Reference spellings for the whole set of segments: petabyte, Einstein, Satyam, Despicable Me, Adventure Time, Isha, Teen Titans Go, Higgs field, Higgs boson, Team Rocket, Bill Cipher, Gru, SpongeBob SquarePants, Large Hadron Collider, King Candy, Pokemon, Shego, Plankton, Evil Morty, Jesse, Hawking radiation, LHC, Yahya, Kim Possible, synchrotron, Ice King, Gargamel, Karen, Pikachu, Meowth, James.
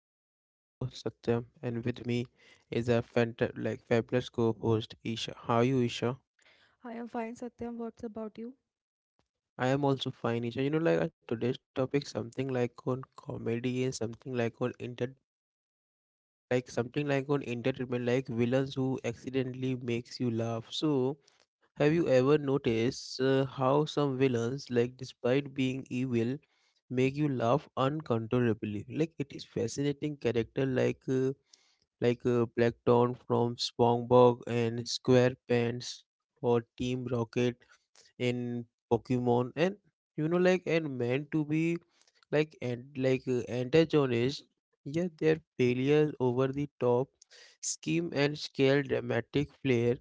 I am your host Satyam, and with me is a fabulous co-host Isha. How are you, Isha? I am fine, Satyam. What's about you? I am also fine, Isha. You know, today's topic, something like on comedy and something like on inter, like something like on entertainment, like villains who accidentally makes you laugh. So, have you ever noticed how some villains, like despite being evil, make you laugh uncontrollably? Like it is fascinating character, Plankton from SpongeBob and SquarePants or Team Rocket in Pokemon, and and meant to be like antagonists. Yet their failures over the top scheme and scale dramatic flair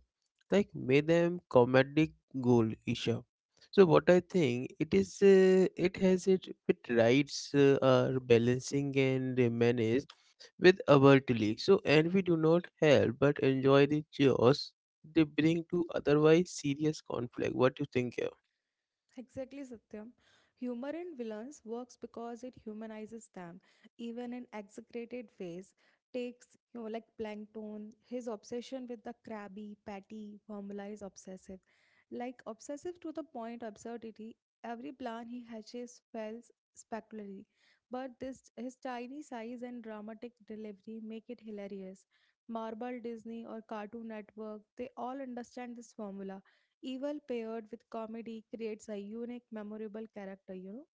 like made them comedic gold, Isha. So what I think, it is it has it it rights are balancing and manage with abruptly, so and we do not help but enjoy the chaos they bring to otherwise serious conflict. What do you think here? Exactly, Satyam. Humor in villains works because it humanizes them, even in exaggerated ways. Takes, like Plankton, his obsession with the crabby, patty formula is obsessive. Obsessive to the point absurdity, every plan he hatches fails spectacularly. But this his tiny size and dramatic delivery make it hilarious. Marble, Disney, or Cartoon Network, they all understand this formula. Evil paired with comedy creates a unique, memorable character,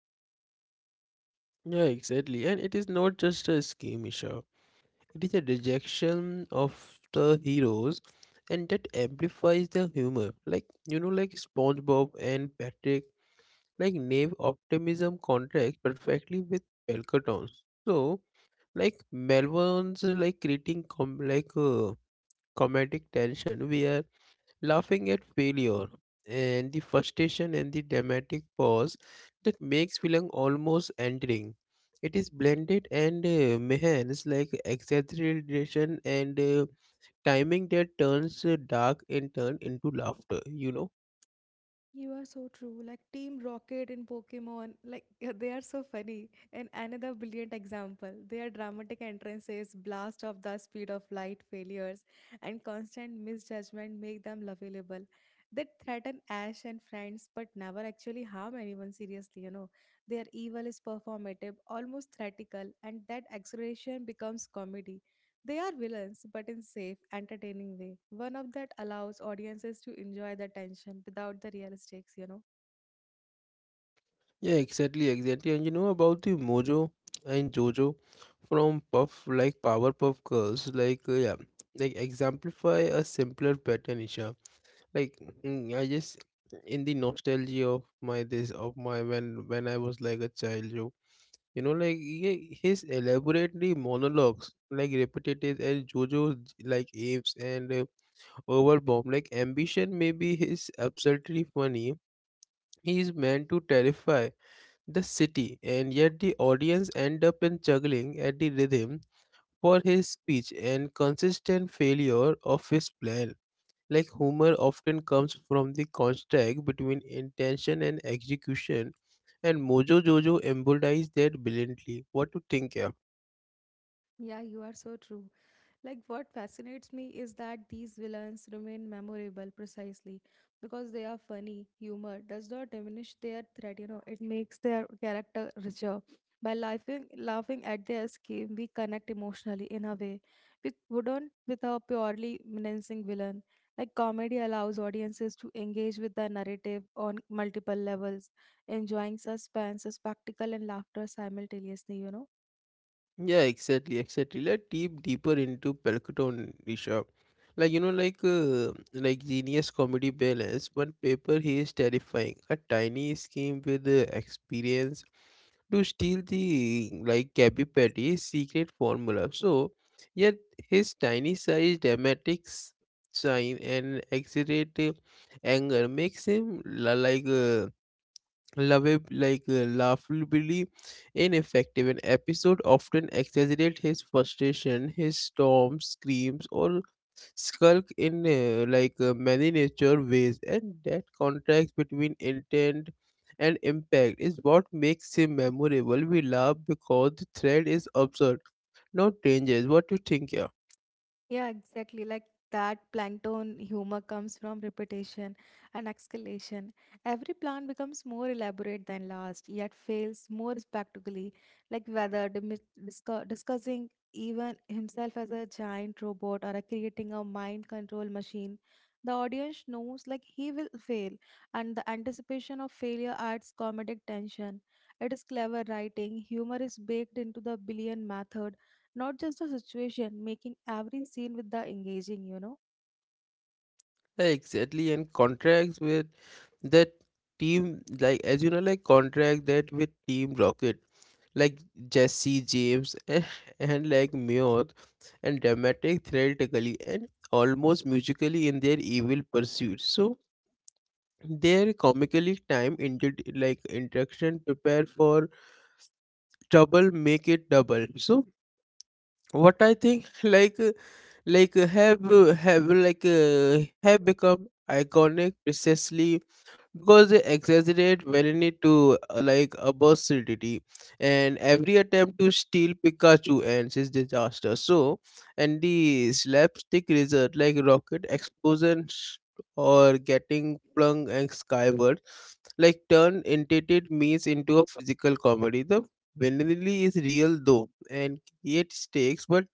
Yeah, exactly. And it is not just a scheme issue. It is a rejection of the heroes and that amplifies the humor. SpongeBob and Patrick, like naive optimism contrasts perfectly with Pelkatons. So like Melbourne's like creating comedic tension where laughing at failure and the frustration and the dramatic pause that makes film almost entering. It is blended and means like exaggeration and timing that turns dark in turn into laughter. You know, You are so true. Like Team Rocket in Pokemon, like they are so funny. And another brilliant example, their dramatic entrances, blast of the speed of light failures, and constant misjudgment make them lovable. They threaten Ash and friends, but never actually harm anyone seriously. Their evil is performative, almost theatrical, and that exaggeration becomes comedy. They are villains, but in safe, entertaining way. One of that allows audiences to enjoy the tension without the real stakes. yeah, exactly. And you know about the Mojo and Jojo from Puff like Powerpuff Girls, yeah, like exemplify a simpler pattern, Isha. Like I just in the nostalgia of my this of my when I was like a child, he, his elaborately monologues, like repetitive and Jojo like apes and overbomb, like ambition may be his absurdly funny. He is meant to terrify the city, and yet the audience end up in juggling at the rhythm for his speech and consistent failure of his plan. Like humor often comes from the contrast between intention and execution, and Mojo Jojo embodies that brilliantly. What to think here? Yeah, you are so true. What fascinates me is that these villains remain memorable precisely because they are funny. Humor does not diminish their threat, it makes their character richer. By laughing at their scheme, we connect emotionally in a way we wouldn't with a purely menacing villain. Comedy allows audiences to engage with the narrative on multiple levels, enjoying suspense, spectacle, and laughter simultaneously. Yeah, exactly. Let's deeper into Pelkton, Nisha. Genius comedy balance. One paper he is terrifying, a tiny scheme with experience to steal the like Cappy Patty's secret formula. So, yet his tiny size, shine, and exaggerated anger makes him laughably ineffective. An episode often exaggerate his frustration, his storms, screams, or skulk in many nature ways, and that contrast between intent and impact is what makes him memorable. We laugh because the thread is absurd, not dangerous. What do you think, yeah? Yeah, exactly. Like that plankton humor comes from repetition and exhalation. Every plan becomes more elaborate than last, yet fails more spectacularly. Like whether discussing even himself as a giant robot or a creating a mind control machine, the audience knows like he will fail, and the anticipation of failure adds comedic tension. It is clever writing. Humor is baked into the billion method not just the situation, making every scene with the engaging. Exactly, and contracts with that team like as you know like contract that with team rocket like Jesse James and like Muir and dramatic, theatrically and almost musically in their evil pursuits. So their comically time interaction prepare for trouble make it double. So what I think like have like have become iconic precisely because they exaggerate when to like absurdity, and every attempt to steal Pikachu ends is disaster. So and the slapstick result like rocket explosions or getting flung and skyward like turn entertained means into a physical comedy. The vanilla is real though and create stakes but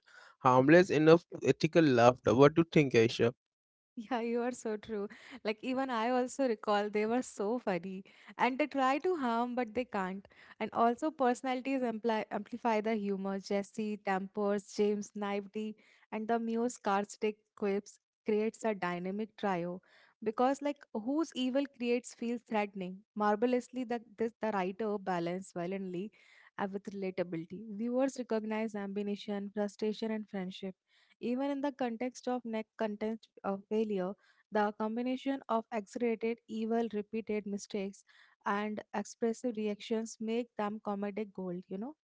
harmless enough to ethical laughter. What do you think, Aisha? Yeah, you are so true. Even I also recall they were so funny and they try to harm, but they can't. And also, personalities amplify the humor. Jesse, Tempers, James, Naivety, and the Muse Carstic quips creates a dynamic trio because, like, whose evil creates feels threatening. Marvelously, the writer balance violently with relatability. Viewers recognize ambition, frustration, and friendship. Even in the context of neck content of failure, the combination of exaggerated evil, repeated mistakes, and expressive reactions make them comedic gold.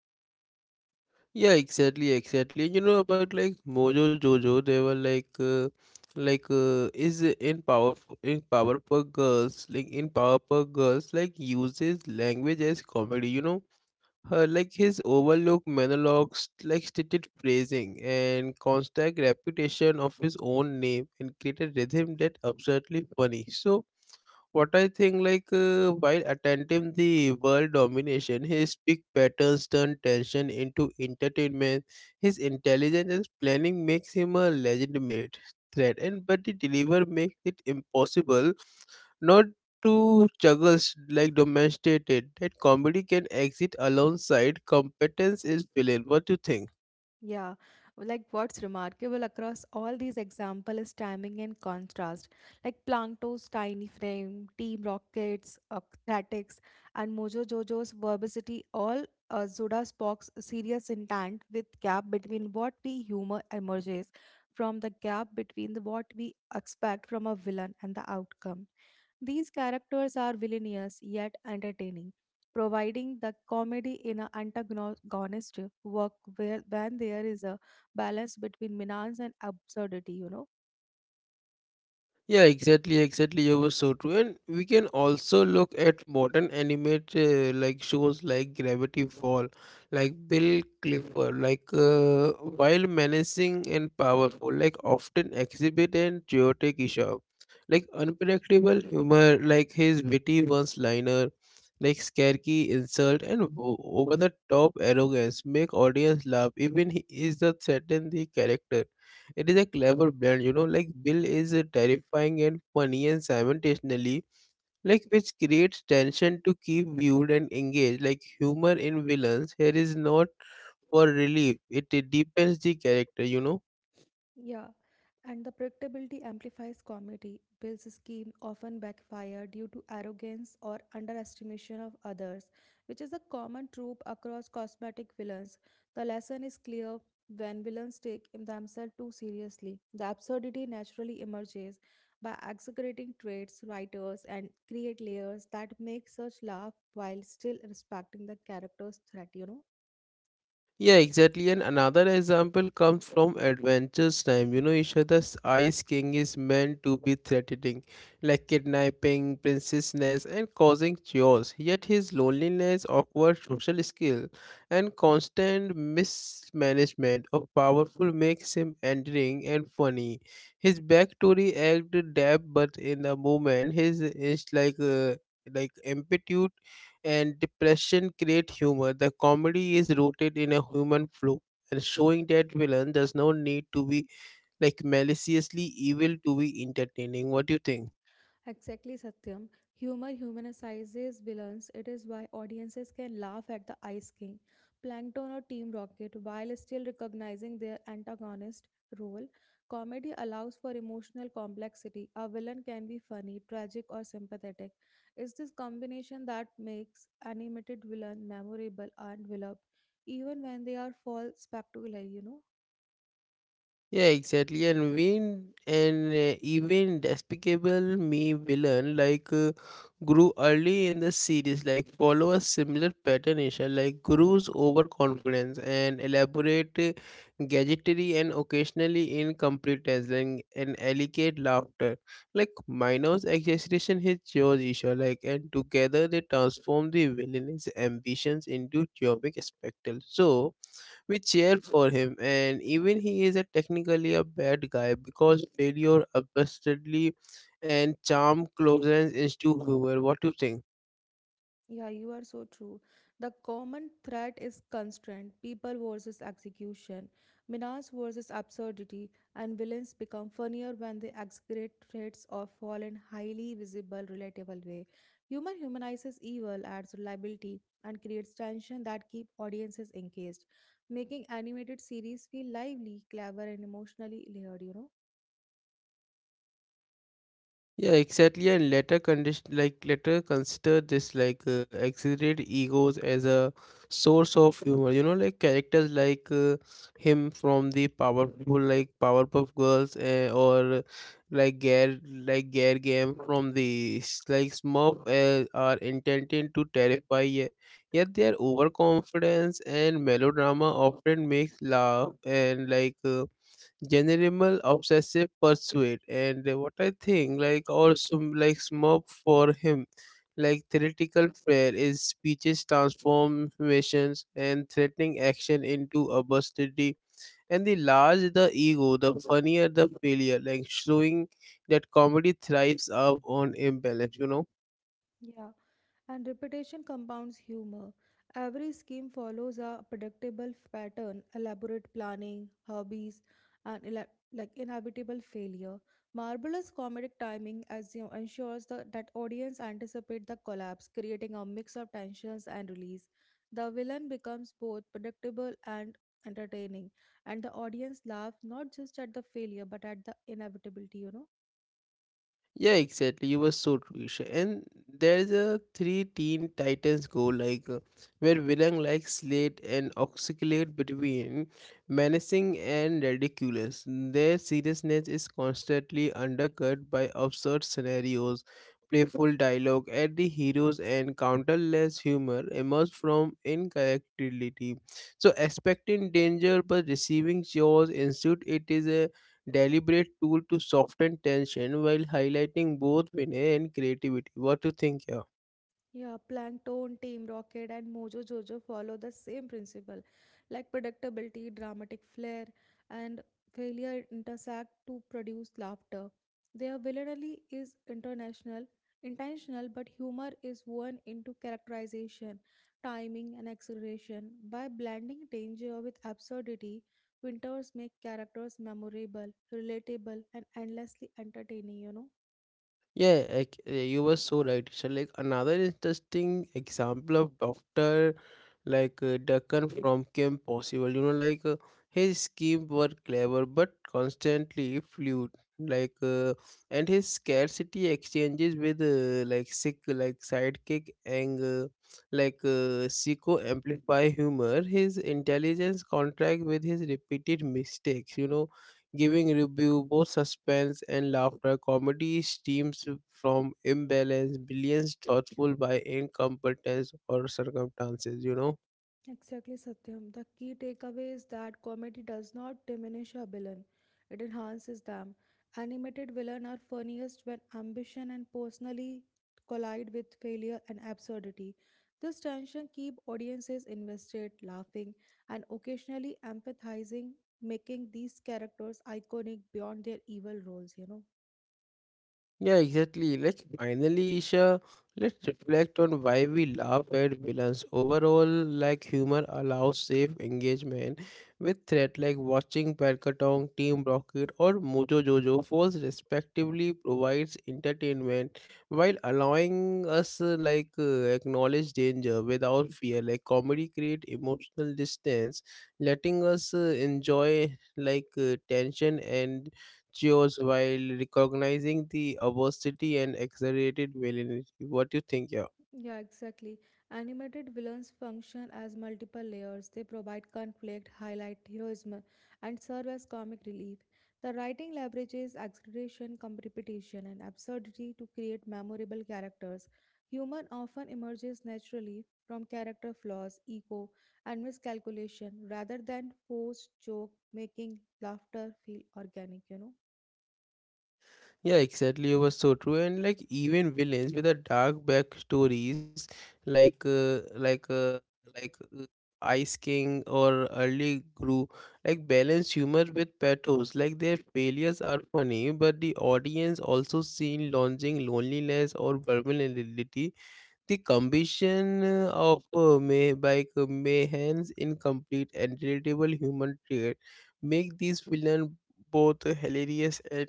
Yeah, exactly. You know about like Mojo Jojo, they were is in power in Powerpuff Girls, like uses language as comedy. You know, her like his overlook monologues, like stated phrasing and constant repetition of his own name, and created rhythm that absurdly funny. So what I think, while attempting the world domination, his big patterns turn tension into entertainment. His intelligence and planning makes him a legitimate threat, and but the deliver makes it impossible not to juggle s- like domesticated. That comedy can exist alongside competence is villain. What do you think? Yeah, like what's remarkable across all these examples is timing and contrast. Like Planto's tiny frame, Team Rocket's acrobatics, and Mojo Jojo's verbosity all Zoda Spock's serious intent with gap between what we humor emerges from the gap between the what we expect from a villain and the outcome. These characters are villainous yet entertaining, providing the comedy in an antagonist work where when there is a balance between menace and absurdity. Yeah, exactly. You were so true. And we can also look at modern animate shows like Gravity Fall, like Bill Clifford, while menacing and powerful, like often exhibit an chaotic issue, like unpredictable humor, like his witty one-liner, like scaredy insult and over-the-top arrogance make audience laugh even he is the threaten the character. It is a clever blend, you know, like Bill is terrifying and funny and simultaneously, like which creates tension to keep viewed and engaged. Like humor in villains, here is not for relief; it deepens the character, you know. Yeah, and the predictability amplifies comedy. Bill's scheme often backfire due to arrogance or underestimation of others, which is a common trope across cosmetic villains. The lesson is clear when villains take themselves too seriously. The absurdity naturally emerges by exaggerating traits, writers, and create layers that make such laugh while still respecting the character's threat. Yeah, exactly. And another example comes from Adventures Time. You know, Ishada's Ice King is meant to be threatening, like kidnapping princesses and causing chaos. Yet his loneliness, awkward social skill, and constant mismanagement of powerful makes him endearing and funny. His backstory act depth, but in the moment, his is like empathy and depression create humor. The comedy is rooted in a human flaw and showing that villain does not need to be like maliciously evil to be entertaining. What do you think? Exactly, Satyam. Humor humanizes villains. It is why audiences can laugh at the Ice King, Plankton, or Team Rocket while still recognizing their antagonist role. Comedy allows for emotional complexity. A villain can be funny, tragic, or sympathetic. It's this combination that makes animated villain memorable and beloved, even when they are false spectacular. Yeah, exactly. And when and even despicable me villain grew early in the series, like follow a similar pattern, Isha, like Guru's overconfidence and elaborate gadgetry and occasionally incompetence and elegant laughter. Like Minos exaggeration his jaws, Isha, like and together they transform the villainous ambitions into comic spectacle. So we cheer for him, and even he is a technically a bad guy because failure absurdly and charm closens into viewer. What do you think? Yeah, you are so true. The common thread is constraint, people versus execution, menace versus absurdity, and villains become funnier when they exaggerate threats or fall in highly visible, relatable way. Humor humanizes evil, adds reliability, and creates tension that keep audiences engaged, making animated series feel lively, clever, and emotionally layered. Yeah, exactly. And later consider this exaggerated egos as a source of humor. You know, like characters him from the powerful like Powerpuff Girls or Gare Game from the Smurf are intended to terrify. Yet their overconfidence and melodrama often makes laugh and general obsessive pursuit and what I think like also like smug for him like theoretical prayer is speeches transformations and threatening action into obscenity, and the larger the ego the funnier the failure, like showing that comedy thrives up on imbalance, you know. Yeah, and repetition compounds humor. Every scheme follows a pattern, elaborate planning, hobbies, and inevitable failure. Marvelous comedic timing as you know, ensures that audience anticipate the collapse, creating a mix of tensions and release. The villain becomes both predictable and entertaining, and the audience laughs not just at the failure but at the inevitability. You know. Yeah, exactly. You were so true, Isha. And there's a three teen titans go where villain like slate and oscillate between menacing and ridiculous. Their seriousness is constantly undercut by absurd scenarios, playful dialogue at the heroes, and countless humor emerged from incorrectibility. So expecting danger but receiving chores ensued. It is a deliberate tool to soften tension while highlighting both winner and creativity. What do you think here? Yeah, Plankton, Team Rocket, and Mojo Jojo follow the same principle, like predictability, dramatic flair, and failure intersect to produce laughter. Their villainy is international, intentional, but humor is woven into characterization, timing, and acceleration. By blending danger with absurdity, Winters make characters memorable, relatable, and endlessly entertaining. You know. Yeah, you were so right, Ishan. Like another interesting example of Doctor, Deccan from Kim Possible. You know, his schemes were clever but constantly fluid. Like uh, and his scarcity exchanges with like sick like sidekick and psycho amplify humor. His intelligence contract with his repeated mistakes, you know, giving review both suspense and laughter. Comedy stems from imbalance, brilliance thoughtful by incompetence or circumstances, you know. Exactly, Satyam. The key takeaway is that comedy does not diminish a villain, it enhances them. Animated villains are funniest when ambition and personally collide with failure and absurdity. This tension keeps audiences invested, laughing, and occasionally empathizing, making these characters iconic beyond their evil roles. Yeah, exactly. Like finally, Isha, let's reflect on why we laugh at villains. Overall, like humor allows safe engagement with threat like watching Palkatong, Team Rocket, or Mojo Jojo Force respectively provides entertainment while allowing us acknowledge danger without fear. Like comedy create emotional distance, letting us enjoy tension and chores while recognizing the obesity and exaggerated villainy. What do you think, yeah? Yeah, exactly. Animated villains function as multiple layers. They provide conflict, highlight heroism, and serve as comic relief. The writing leverages exaggeration, competition, and absurdity to create memorable characters. Human often emerges naturally from character flaws, ego, and miscalculation rather than forced joke making laughter feel organic. Yeah, exactly. You were so true. And like even villains with a dark backstories, like uh, like uh, like uh, Ice King or early Gru, like balance humor with pathos. Like their failures are funny, but the audience also seen launching loneliness or vulnerability, the combination of may by Mayhan's incomplete and relatable human trait make these villains both hilarious and,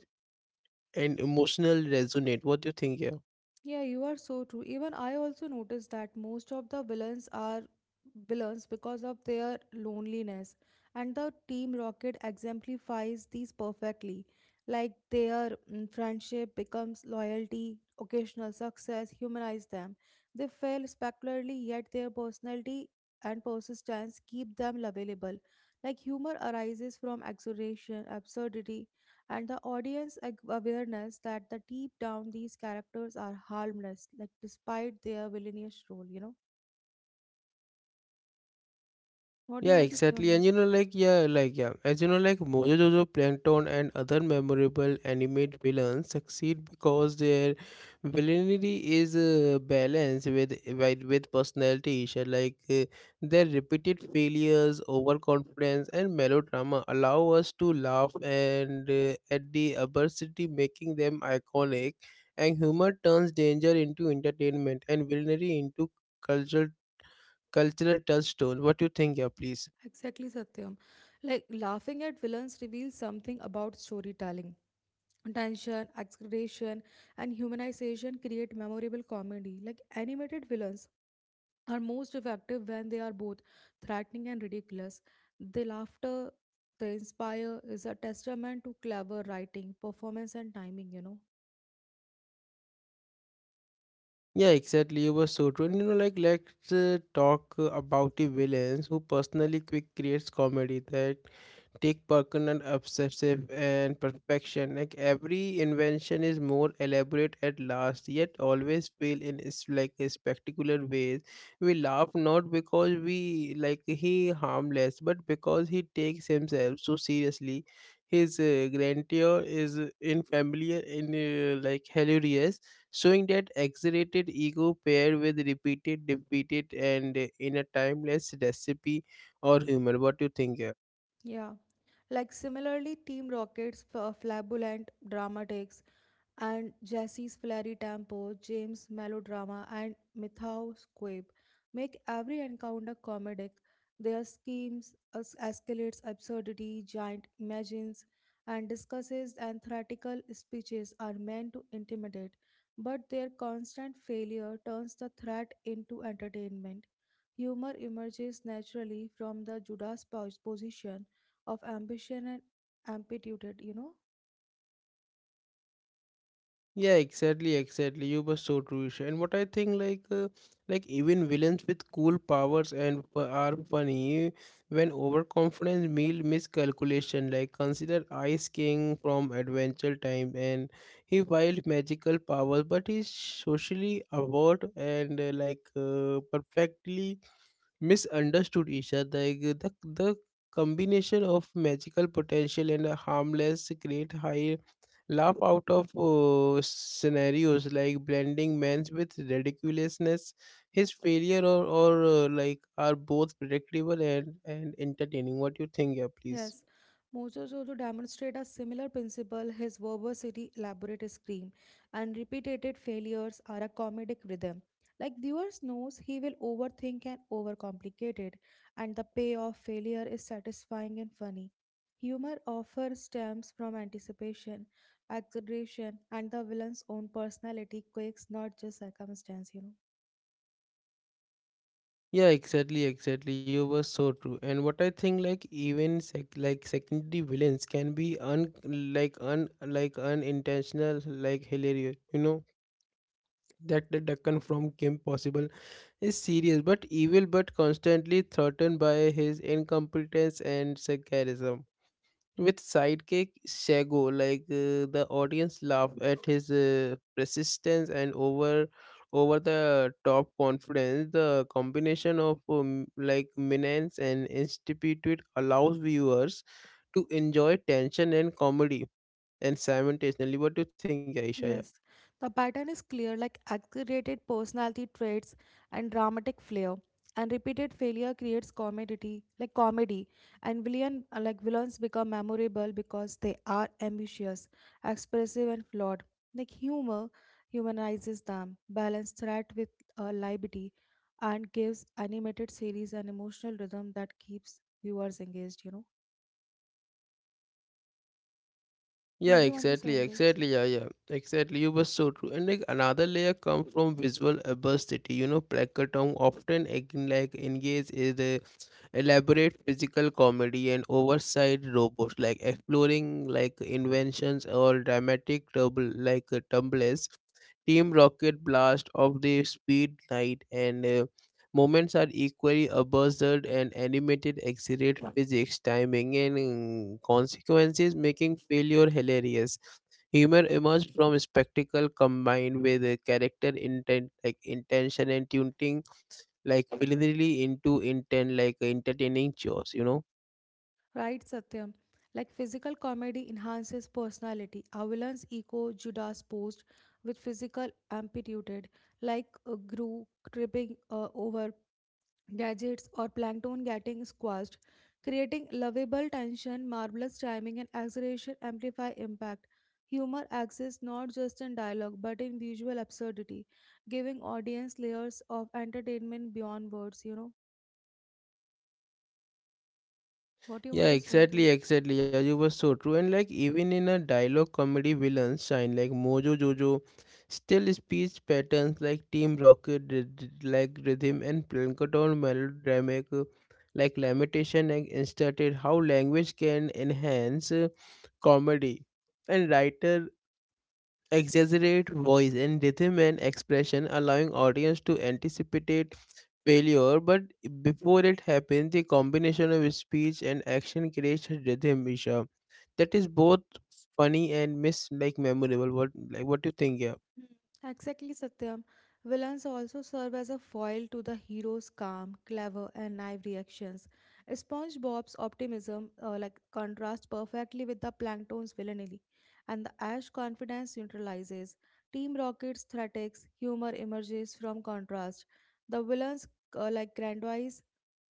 and emotional resonate. What do you think here? Yeah, you are so true. Even I also noticed that most of the villains are villains because of their loneliness, and the Team Rocket exemplifies these perfectly. Like their mm, friendship becomes loyalty, occasional success humanize them. They fail spectacularly, yet their personality and persistence keep them lovable. Like humor arises from exaggeration, absurdity, and the awareness that the deep down these characters are harmless like despite their villainous role. What do you Yeah, want to say on exactly. And this? you know, like, yeah, as you know, like, Mojo Jojo, Plankton, and other memorable animate villains succeed because their villainy is balanced with personality issues. Their repeated failures, overconfidence, and melodrama allow us to laugh and at the adversity, making them iconic. And humor turns danger into entertainment and villainy into cultural cultural touchstone. What do you think, yeah, please? Exactly, Satyam. Like laughing at villains reveals something about storytelling. Tension, exaggeration, and humanization create memorable comedy. Like animated villains are most effective when they are both threatening and ridiculous. The laughter they inspire is a testament to clever writing, performance, and timing. Yeah, exactly. You were so true. And you know, like, let's talk about the villains who personally quick creates comedy that take permanent obsessive and perfection. Like every invention is more elaborate at last, yet always fail in is like a spectacular ways. We laugh not because we like he harmless, but because he takes himself so seriously. His grandeur is in familiar in hilarious showing that exaggerated ego paired with repeated, and in a timeless recipe or humor. What do you think here? Yeah. Like similarly, flamboyant drama takes and Jesse's flirty tempo, James' melodrama, and Mithaw's quip make every encounter comedic. Their escalates absurdity, giant imagines, and discusses and theatrical speeches are meant to intimidate, but their constant failure turns the threat into entertainment. Humor emerges naturally from the position of ambition and amplitude, Yeah, exactly. You were so true, Isha. And what I think, like, even villains with cool powers and are funny when overconfidence meal miscalculation. Like, consider Ice King from Adventure Time, and he wield magical powers, but he's socially awkward and perfectly misunderstood Isha. The combination of magical potential and a harmless create high laugh out of scenarios like blending man's with ridiculousness. His failure or are both predictable and, entertaining. What you think, yeah, please? Yes, Mojojojo demonstrate a similar principle. His verbosity, elaborate scream, and repeated failures are a comedic rhythm. Like viewers knows, he will overthink and overcomplicate it, and the payoff failure is satisfying and funny. Humor often stems from anticipation, exaggeration, and the villain's own personality quirks, not just circumstance. You know. Yeah, exactly. You were so true. And what I think, like even secondary villains can be un like unintentional, like hilarious. You know that the Deccan from Kim Possible is serious but evil but constantly threatened by his incompetence and sarcasm. With sidekick Shago, the audience laughed at his persistence and over the top confidence. The combination of like menace and institute allows viewers to enjoy tension and comedy and simultaneously. What do you think, Aisha? Yes, the pattern is clear like exaggerated personality traits and dramatic flair. And repeated failure creates comedy, like comedy. And villains become memorable because they are ambitious, expressive, and flawed. Like humor humanizes them, balance threat with liberty, and gives animated series an emotional rhythm that keeps viewers engaged. Yeah, What do you want to say exactly, on this? exactly, yeah, yeah, exactly. You were so true. And like another layer come from visual adversity. You know, placatong often again like engage is a elaborate physical comedy and oversight robots, like exploring like inventions or dramatic trouble like tumbles. Team Rocket Blast of the Speed Knight and Moments are equally absurd and animated, exaggerate physics, timing, and consequences, making failure hilarious. Humor emerged from spectacle combined with a character intent, like intention and tuning, like willingly into intent, like entertaining chores. You know. Right, Satyam. Like physical comedy enhances personality. Avilan's echo Judas posed with physical amplitude, like a Gru tripping over gadgets or Plankton getting squashed, creating lovable tension, marvelous timing, and exaggeration amplify impact. Humor exists not just in dialogue but in visual absurdity, giving audience layers of entertainment beyond words. You know what do you want Yeah, to say on exactly, this? exactly. Yeah, you were so true. And like even in a dialogue comedy, villains shine like Mojo Jojo, still speech patterns like Team Rocket, like rhythm and Plankton melodramatic, like lamentation and inserted how language can enhance comedy. And writer exaggerate voice and rhythm and expression, allowing audience to anticipate failure. But before it happens, the combination of speech and action creates a rhythm, Isha, that is both funny and miss like memorable. What like what do you think? Yeah, Mm, exactly, Satyam. Villains also serve as a foil to the hero's calm, clever, and naive reactions. SpongeBob's optimism, contrasts perfectly with the Plankton's villainy, and the Ash confidence neutralizes. Team Rocket's threats, humor emerges from contrast. The villain's grandiose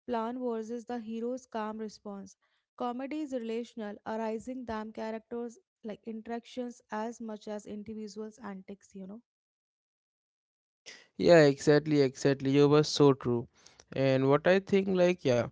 plan versus the hero's calm response. Comedy is relational, arising damn characters like interactions as much as individuals antics. Yeah, exactly, exactly. You were so true, and what I think like yeah.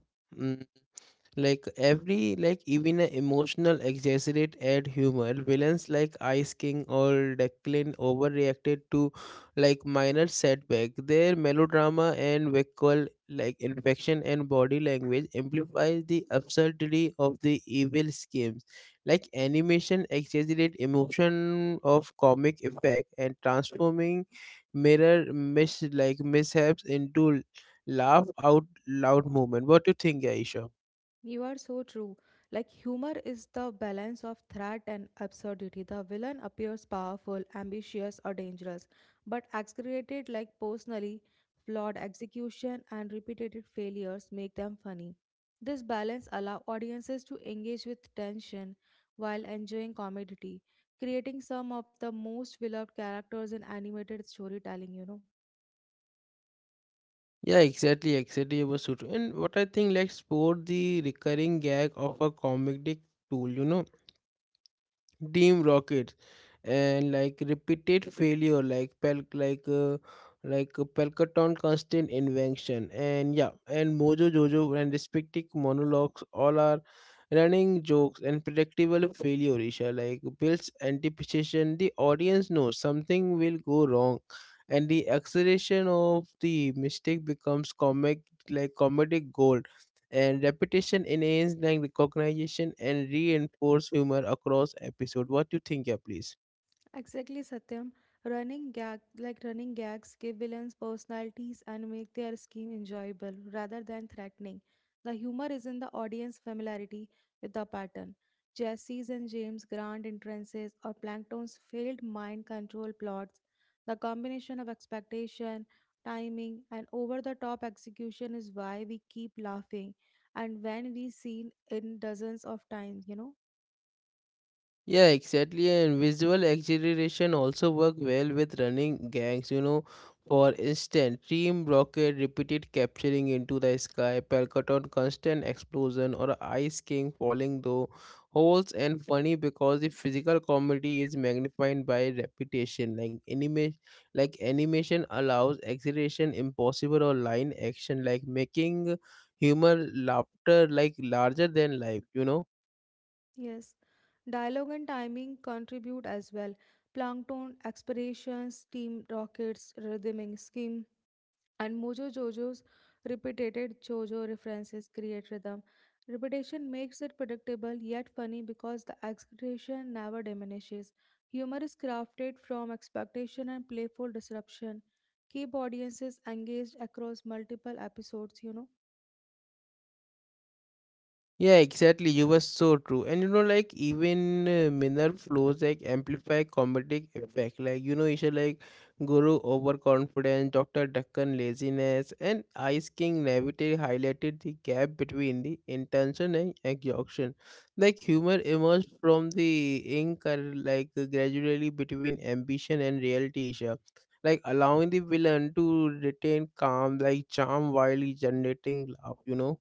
Like every like even a emotional exaggerate at humor villains like Ice King or Declan overreacted to like minor setback. Their melodrama and vocal like infection and body language amplifies the absurdity of the evil schemes. Like animation exaggerate emotion of comic effect and transforming mirror mishaps into laugh out loud moment. What do you think, Aisha? You are so true. Like humor is the balance of threat and absurdity. The villain appears powerful, ambitious, or dangerous, but exaggerated like personally flawed execution and repeated failures make them funny. This balance allows audiences to engage with tension while enjoying comedy, creating some of the most beloved characters in animated storytelling, Yeah, exactly, exactly. It was so true. And what I think, like, sport the recurring gag of a comedic tool, you know, Team Rocket and like repeated failure like Pelkaton constant invention and yeah and Mojo Jojo and respective monologues all are running jokes and predictable failure Isha like builds anticipation. The audience knows something will go wrong and the acceleration of the mistake becomes comic like comedic gold and repetition enhanced like recognition and reinforce humor across episode. What do you think, yeah, please? Exactly, Satyam. Running gag Running gags give villains personalities and make their scheme enjoyable rather than threatening. The humor is in the audience familiarity with the pattern. Jesse's and James' grand entrances or Plankton's failed mind control plots. The combination of expectation, timing, and over-the-top execution is why we keep laughing and when we seen in dozens of times, Yeah, exactly. And visual exaggeration also work well with running gangs, you know. For instance, team rocket repeated capturing into the sky, Palcaton constant explosion, or Ice King falling though holes and funny because the physical comedy is magnified by repetition. Like animation allows exaggeration impossible or line action, like making humor laughter like larger than life, you know. Yes, dialogue and timing contribute as well. Plankton, aspirations, steam rockets, rhythmic scheme, and Mojo Jojo's repeated Jojo references create rhythm. Repetition makes it predictable yet funny because the expectation never diminishes. Humor is crafted from expectation and playful disruption. Keep audiences engaged across multiple episodes, Yeah, exactly. You were so true. And you know, like even minor flows like amplify comedic effect. Like you know, you should like Guru overconfidence, Doctor Deccan laziness, and Ice King naivety highlighted the gap between the intention and exhaustion. Like humor emerged from the ink, like gradually between ambition and reality, Isha. Like allowing the villain to retain calm, like charm while generating love. You know.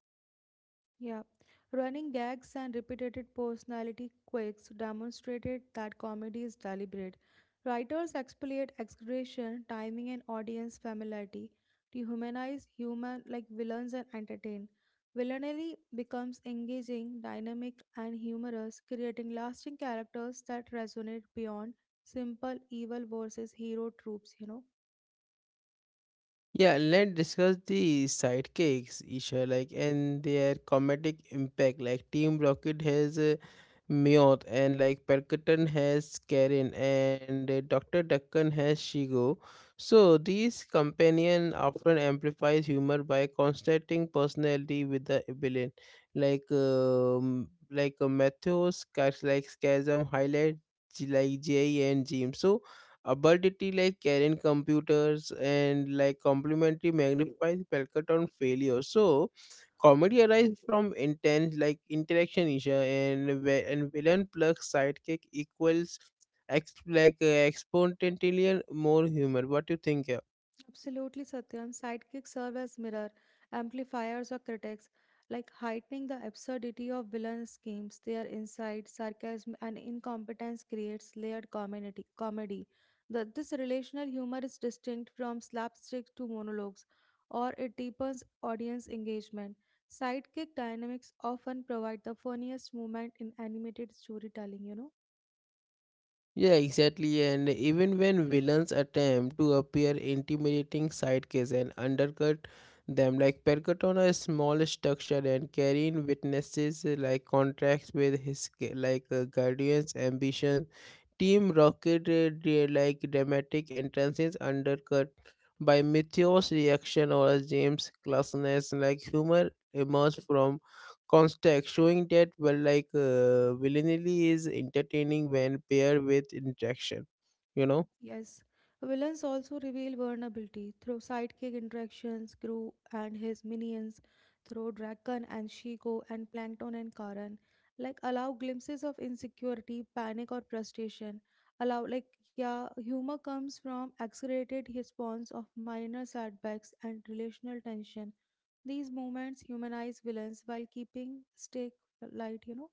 Yeah, running gags and repetitive personality quirks demonstrated that comedy is deliberate. Writers exploit exaggeration, timing, and audience familiarity to humanize human like villains and entertain. Villainy becomes engaging, dynamic, and humorous, creating lasting characters that resonate beyond simple evil versus hero tropes. You know. Yeah, let's discuss the sidekicks, Isha, like and their comedic impact. Like Team Rocket has Mioth, and like Percutan has Karen, and Doctor Duncan has Shigo. So these companion often amplifies humor by constructing personality with the villain, like Matthews, character like Scasm highlight like Jay and Jim. So a Absurdity like carrying computers and like complementary magnifies Pelkaton failure. So comedy arises from intense like interaction issue and villain plus sidekick equals ex- like uh, exponentially more humor. What do you think here? Absolutely, Satyam. Sidekicks serve as mirror, amplifiers, or critics, like heightening the absurdity of villain schemes. Their insight, sarcasm, and incompetence creates layered comedy. This relational humor is distinct from slapstick to monologues, or it deepens audience engagement. Sidekick dynamics often provide the funniest moment in animated storytelling, Yeah, exactly. And even when villains attempt to appear intimidating sidekicks and undercut them, like Percut on a small structure and carrying witnesses like contracts with his guardians' ambitions, Team Rocket dramatic entrances undercut by Meteor's reaction or James' classlessness, like humor emerged from context showing that well like villainy is entertaining when paired with interaction, you know. Yes, villains also reveal vulnerability through sidekick interactions, Gru and his minions, through Draken and Shiko and Plankton and Karan, like allow glimpses of insecurity, panic or frustration. Allow like yeah, humor comes from exaggerated response of minor setbacks and relational tension. These moments humanize villains while keeping stake light,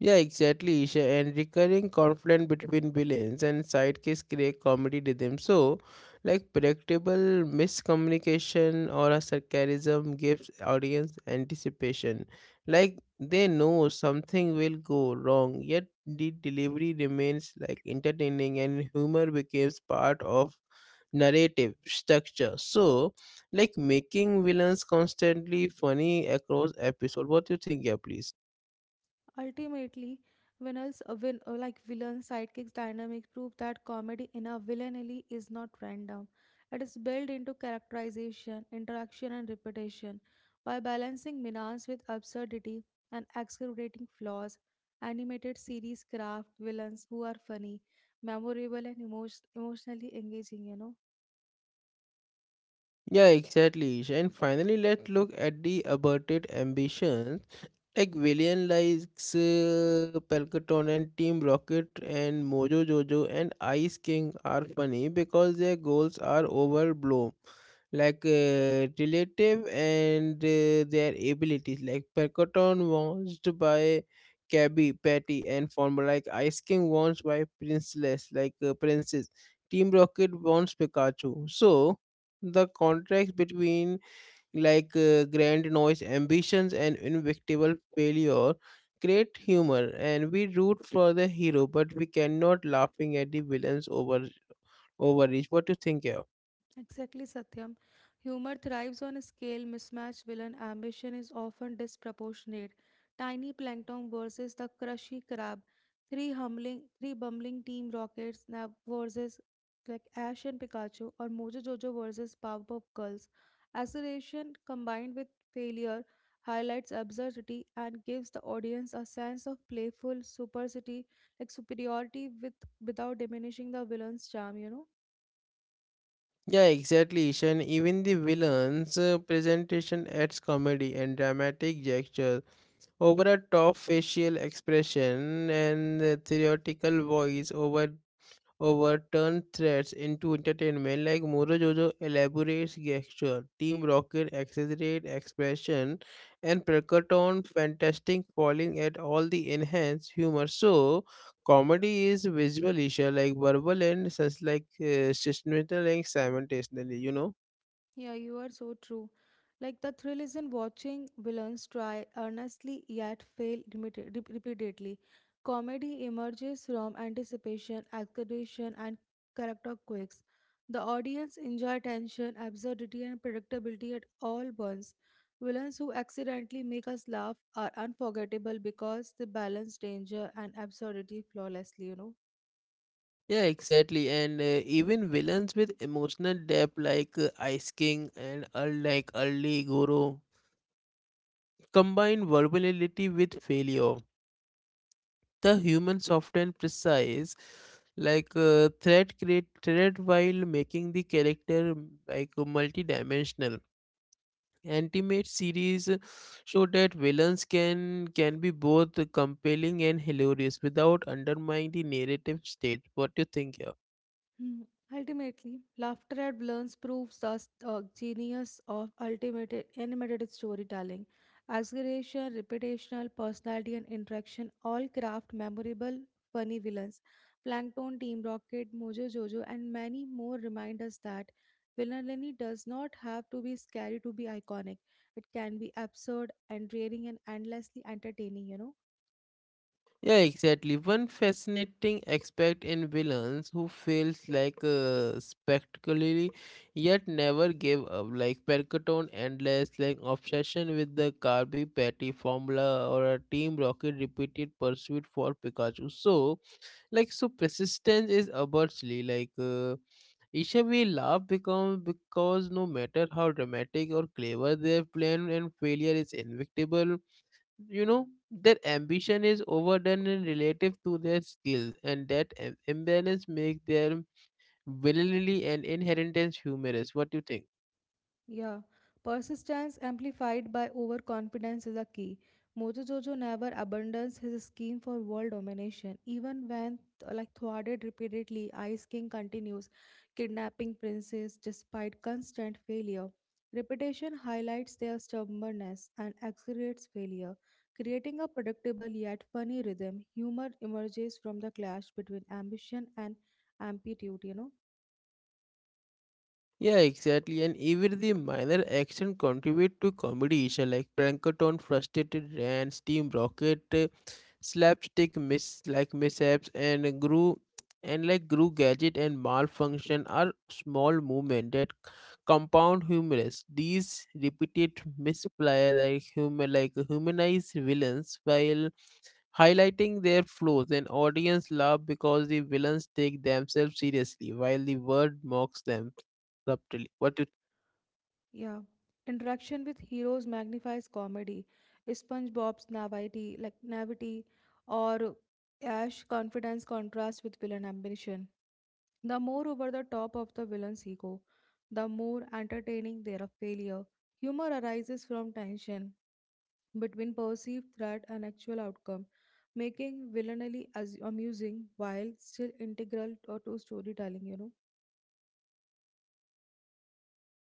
Yeah, exactly, Isha. And recurring conflict between villains and sidekicks create comedy rhythm. So, like predictable miscommunication or a sarcasm gives audience anticipation. Like they know something will go wrong, yet the delivery remains like entertaining and humor becomes part of narrative structure. So, like making villains constantly funny across episode. What do you think, yeah, please? Ultimately, villains, like villain sidekicks dynamics prove that comedy in a villainy is not random. It is built into characterization, interaction, and repetition. By balancing menace with absurdity and exaggerating flaws, animated series craft villains who are funny, memorable, and emotionally engaging. Yeah, exactly. And finally, let's look at the aborted ambitions. Like villain likes Palcaton and Team Rocket and Mojo Jojo and Ice King are funny because their goals are overblown, like relative and their abilities. Like Palcaton wants by Cabby, Patty, and Former. Like Ice King wants by Princess, like Princess. Team Rocket wants Pikachu. So the contrast between like grand noise ambitions and inevitable failure create humor and we root for the hero but we cannot laughing at the villains overreach. What do you think here? Exactly, Satyam. Humor thrives on scale mismatch villain ambition is often disproportionate. Tiny plankton versus the crushy crab. Three bumbling team rockets nav versus like Ash and Pikachu or Mojo Jojo versus Powerpuff Girls. Acceleration combined with failure highlights absurdity and gives the audience a sense of playful supercity like superiority with without diminishing the villain's charm, Yeah exactly Ishan. Even the villains presentation adds comedy and dramatic gesture over a top facial expression and theoretical voice over turn threats into entertainment like Muro Jojo elaborates gesture, Team Rocket exaggerate expression, and Perkaton fantastic falling at all the enhanced humor. So comedy is visual issue like verbal and such like systematic and simultaneously, you know. Yeah, you are so true. Like the thrill is in watching villains try earnestly yet fail repeatedly. Comedy emerges from anticipation, exaggeration, and character quirks. The audience enjoy tension, absurdity, and predictability at all once. Villains who accidentally make us laugh are unforgettable because they balance danger and absurdity flawlessly, Yeah, exactly. And even villains with emotional depth like Ice King and like Early Guru combine verbality with failure the human soft and precise like thread create thread while making the character like multidimensional. Ultimate series show that villains can be both compelling and hilarious without undermining the narrative state. What do you think here? Hmm. Ultimately, laughter at Blurns proves the genius of ultimate animated storytelling. Exaggeration, reputational, personality, and interaction all craft memorable, funny villains. Plankton, Team Rocket, Mojo Jojo, and many more remind us that villainy does not have to be scary to be iconic. It can be absurd, endearing, and endlessly entertaining, Yeah, exactly. One fascinating aspect in villains who feels like spectacularly yet never gave up, like Percotone endless like obsession with the Kirby Patty formula or a Team Rocket repeated pursuit for Pikachu. So like so persistence is obviously like Isha we laugh become because no matter how dramatic or clever their plan and failure is inevitable, you know their ambition is overdone and relative to their skills and that imbalance makes their villainy and inheritance humorous. What do you think? Yeah, persistence amplified by overconfidence is a key. Mojojojo never abandons his scheme for world domination, even when like thwarted repeatedly. Ice King continues kidnapping princes despite constant failure. Repetition highlights their stubbornness and accelerates failure, creating a predictable yet funny rhythm. Humor emerges from the clash between ambition and amplitude. Yeah, exactly. And even the minor action contribute to comedy issue like Plankton, frustrated rants, steam Rocket, slapstick miss like mishaps, and grew and like grew gadget and malfunction are small movement that compound humorous. These repeated misfire like humanize villains while highlighting their flaws, and audience laugh because the villains take themselves seriously while the world mocks them subtly. What you Yeah. Interaction with heroes magnifies comedy. SpongeBob's naivety, or Ash confidence contrasts with villain ambition. The more over the top of the villain's ego, the more entertaining their failure. Humor arises from tension between perceived threat and actual outcome, making villainy as amusing while still integral to storytelling,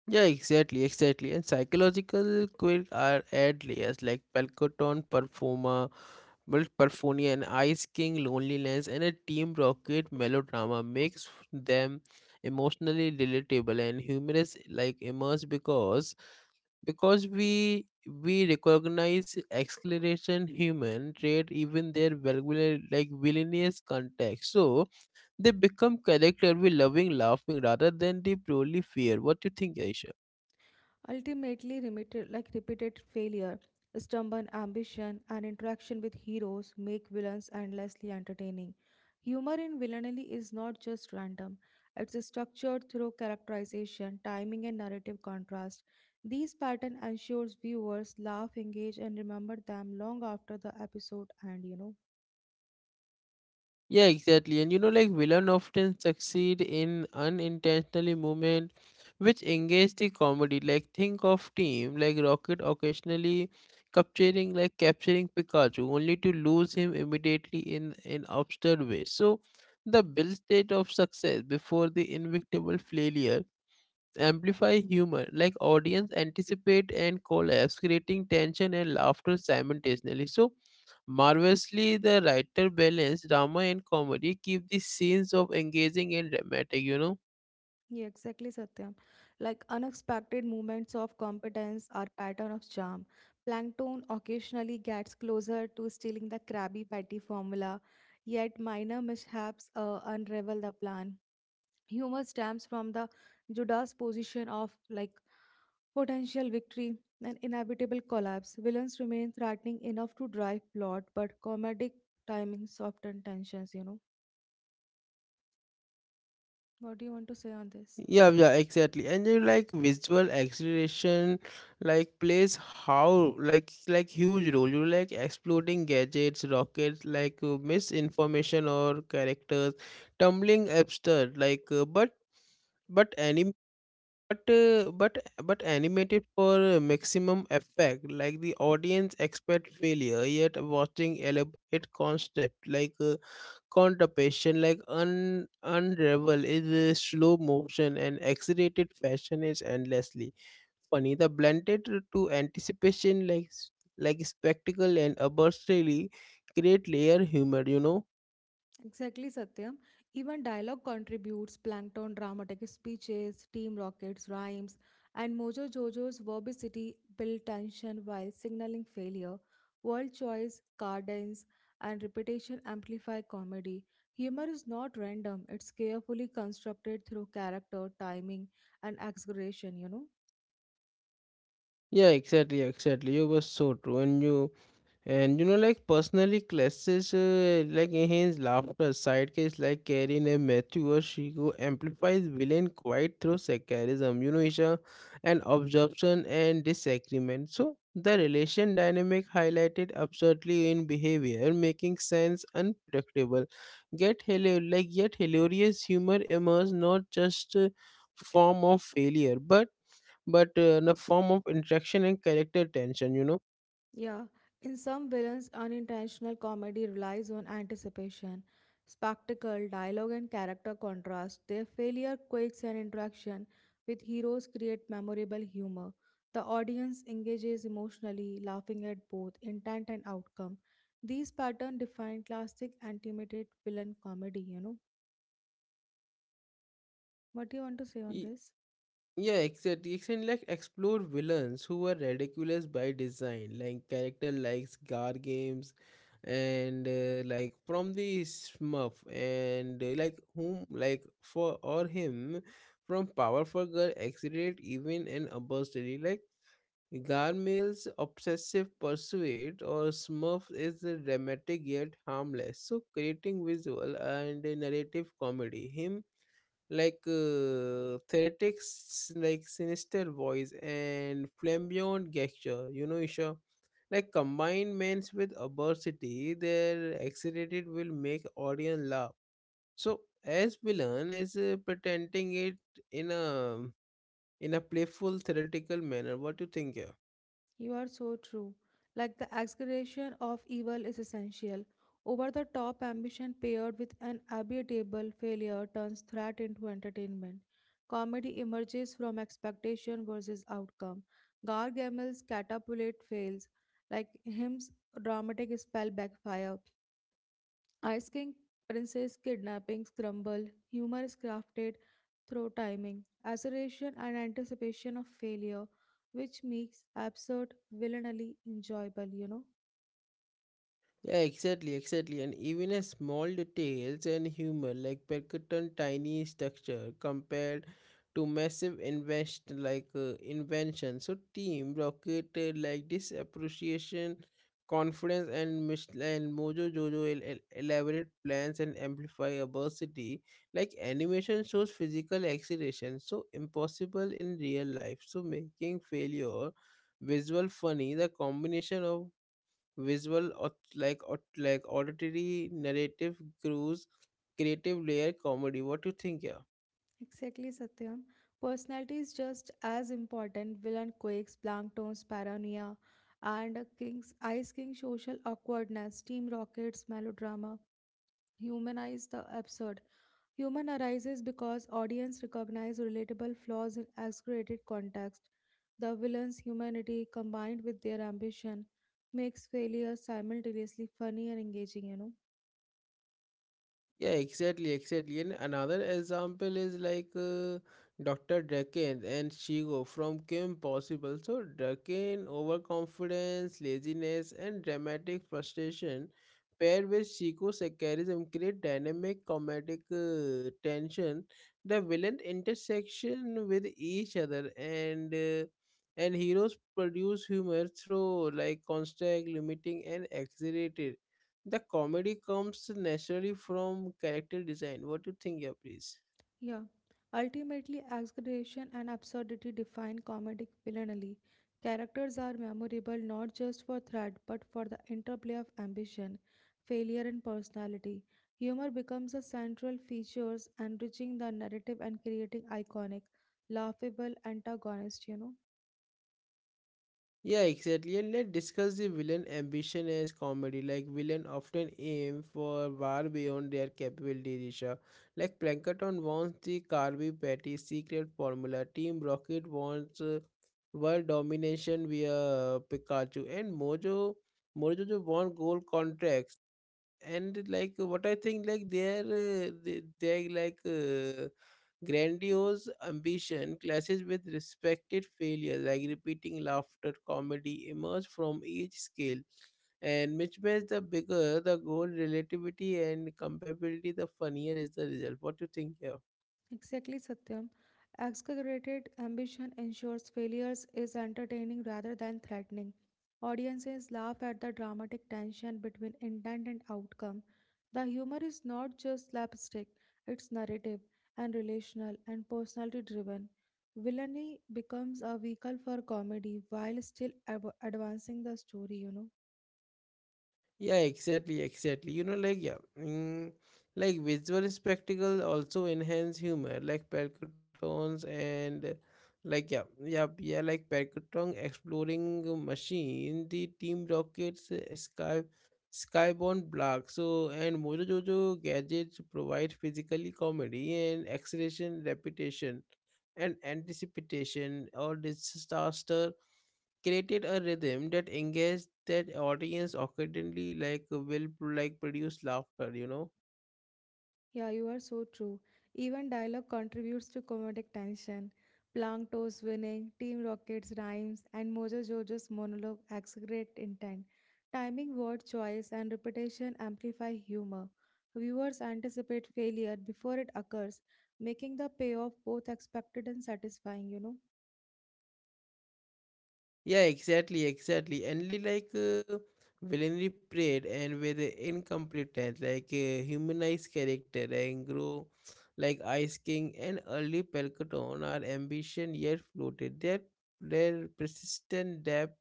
yeah, exactly. And psychological quirks are add layers like Palcoton, Performa, well, Perfonia, and Ice King, Loneliness, and a Team Rocket melodrama makes them emotionally relatable and humorous, like immerse because because we recognize acceleration human trait even their vulgar like villainous context. So they become connected with loving laughing rather than the purely fear. What do you think, Aisha? Ultimately, remitted, like repeated failure, stubborn ambition, and interaction with heroes make villains endlessly entertaining. Humor in villainy is not just random, it's structured through characterization, timing, and narrative contrast. These patterns ensures viewers laugh, engage, and remember them long after the episode end, Yeah, exactly. And you know, like villain often succeed in unintentionally moment which engage the comedy. Like think of team like Rocket occasionally capturing Pikachu only to lose him immediately in absurd way. So the build state of success before the inevitable failure amplify humor, like audience anticipate and collapse, creating tension and laughter simultaneously. So marvelously, the writer balanced drama and comedy, keep the scenes of engaging and dramatic. You know. Yeah, exactly, Satyam. Like unexpected movements of competence are pattern of charm. Plankton occasionally gets closer to stealing the Krabby Patty formula, yet minor mishaps unravel the plan. Humor stems from the Judas position of like potential victory and inevitable collapse. Villains remain threatening enough to drive plot, but comedic timing soften tensions. What do you want to say on this? Yeah, yeah, exactly. And you like visual acceleration, like plays how like huge role. You like exploding gadgets, rockets, like misinformation or characters, tumbling absurd. Like, but anime But uh, but but animated for maximum effect, like the audience expect failure, yet watching elaborate concept like contemplation, like un unravel is slow motion and accelerated fashion is endlessly funny. The blended to anticipation, like spectacle and arbitrarily create layer humor. You know. Exactly, Satyam. Even dialogue contributes Plankton dramatic speeches, Team Rocket's rhymes, and Mojo Jojo's verbosity build tension while signaling failure. World choice, cadence, and repetition amplify comedy. Humor is not random, it's carefully constructed through character, timing, and exaggeration, Yeah, exactly, exactly. You were so true, and you know, like personally, classes like enhance laughter. Sidekicks like Karin and Matthew or Shiko amplifies villain quite through sarcasm, you know, Isha, and absorption and disagreement. So the relation dynamic highlighted absurdly in behavior, making sense unpredictable. Get like yet hilarious humor emerges not just form of failure, but but in a form of interaction and character tension. You Yeah, in some villains, unintentional comedy relies on anticipation, spectacle, dialogue, and character contrast. Their failure, quirks, and interaction with heroes create memorable humor. The audience engages emotionally, laughing at both intent and outcome. These patterns define classic animated villain comedy, What do you want to say on know. this? Yeah, exactly. Exactly, like explore villains who were ridiculous by design, like character likes Gar games, and like from the Smurf, and like whom like for or him from powerful girl accelerate even and adversity like. Garmail's obsessive pursuit or Smurf is a dramatic yet harmless, so creating visual and a narrative comedy. Him like theatrics like sinister voice and flamboyant gesture, you know, Isha, like combined means with absurdity. Their excited will make audience laugh so as villain is pretending it in a in a playful theoretical manner. What do you think here? You are so true. Like the exaggeration of evil is essential. Over the top ambition paired with an inevitable failure turns threat into entertainment. Comedy emerges from expectation versus outcome. Gargamel's catapult fails. Like him's dramatic spell backfire. Ice King Princess kidnappings crumble, humor is crafted through timing, assertion, and anticipation of failure, which makes absurd villainy enjoyable, Yeah, exactly, exactly. And even a small details and humor like percutant tiny structure compared to massive invest like invention. So Team Rocket like this appreciation, confidence and and Mojo Jojo elaborate plans and amplify adversity. Like animation shows physical acceleration, so impossible in real life, so making failure visual funny. The combination of visual or like auditory narrative cruise creative layer comedy. What do you think, yeah? Exactly, Satyam. Personality is just as important. Villain quakes, Plankton's paranoia, and King's Ice King's social awkwardness, Team Rocket's melodrama humanize the absurd. Human arises because audience recognize relatable flaws in exaggerated context. The villain's humanity combined with their ambition makes failure simultaneously funny and engaging, Yeah, exactly, exactly. And another example is like Dr. Draken and Shigo from Kim Possible. So, Draken, overconfidence, laziness, and dramatic frustration paired with Shigo's sarcasm create dynamic comedic tension. The villain intersection with each other and heroes produce humor through like construct, limiting, and exaggerated. The comedy comes naturally from character design. What do you think, yeah, please? Yeah, ultimately, exaggeration and absurdity define comedic villainy. Characters are memorable not just for threat but for the interplay of ambition, failure, and personality. Humor becomes a central feature, enriching the narrative and creating iconic, laughable antagonists, Yeah, exactly. And let's discuss the villain ambition as comedy. Like villain often aim for far beyond their capability, Disha. Like Plankton wants the Carby Patty secret formula. Team Rocket wants world domination via Pikachu. And Mojo जो want gold contracts. And like what I think like their they like grandiose ambition clashes with respected failure like repeating laughter comedy emerge from each scale, and which makes the bigger the goal relativity and comparability the funnier is the result. What do you think here? Exactly, Satyam. Exaggerated ambition ensures failures is entertaining rather than threatening. Audiences laugh at the dramatic tension between intent and outcome. The humor is not just slapstick, it's narrative and relational and personality driven. Villainy becomes a vehicle for comedy while still advancing the story, Yeah, exactly, exactly. You know, like yeah, like visual spectacle also enhance humor, like Percutons and like yeah, yeah, yeah, like Percuton exploring machine, the Team Rocket's sky skybound block. So and Mojo Jojo gadgets provide physically comedy and acceleration, repetition, and anticipation or disaster created a rhythm that engaged that audience occasionally like will like produce laughter, you know. Yeah, you are so true. Even dialogue contributes to comedic tension. Plankton's winning, Team Rocket's rhymes, and Mojo Jojo's monologue exaggerate intent. Timing, word choice, and repetition amplify humor. Viewers anticipate failure before it occurs, making the payoff both expected and satisfying, Yeah, exactly, exactly. And like villainry prayed and with incompetence, like humanized character and grow like Ice King and early Palcaton are ambition yet floated. Their persistent depth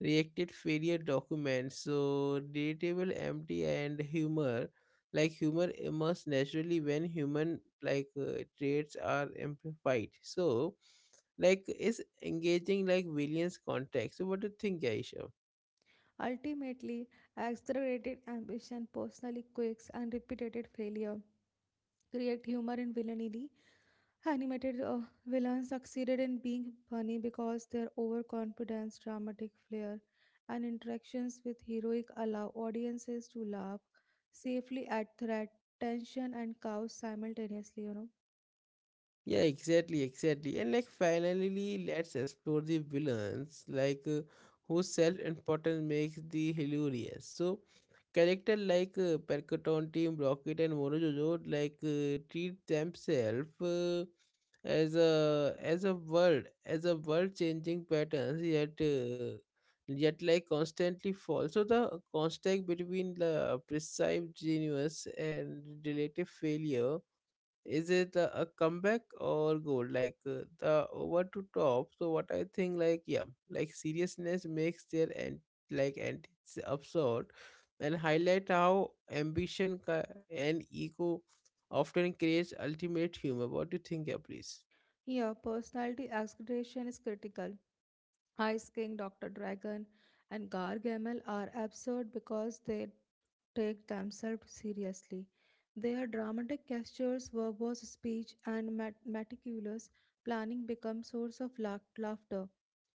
reacted failure documents, so relatable empty and humor. Like humor emerges naturally when human like traits are amplified. So like is engaging like Williams' context. So what do you think, Aisha? Ultimately, exaggerated ambition, personally quirks, and repeated failure create humor in villainy. Animated villains succeeded in being funny because their overconfidence, dramatic flair, and interactions with heroic allow audiences to laugh safely at threat, tension, and chaos simultaneously. Yeah, exactly, exactly. And like finally, let's explore the villains, like whose self-importance makes the hilarious. So, character like Percoton Team, Rocket, and Morojojo like treat themselves as a world as a world-changing patterns, yet like constantly fall. So the contrast between the perceived genius and relative failure is it a comeback or goal like the over to top. So what I think, like, yeah, like seriousness makes their and like and it's absurd and highlight how ambition and ego often creates ultimate humor. What do you think, yeah, please? Here personality exaggeration is critical. Ice King, Dr. Dragon, and Gargamel are absurd because they take themselves seriously. Their dramatic gestures, verbose speech, and meticulous planning become source of laughter.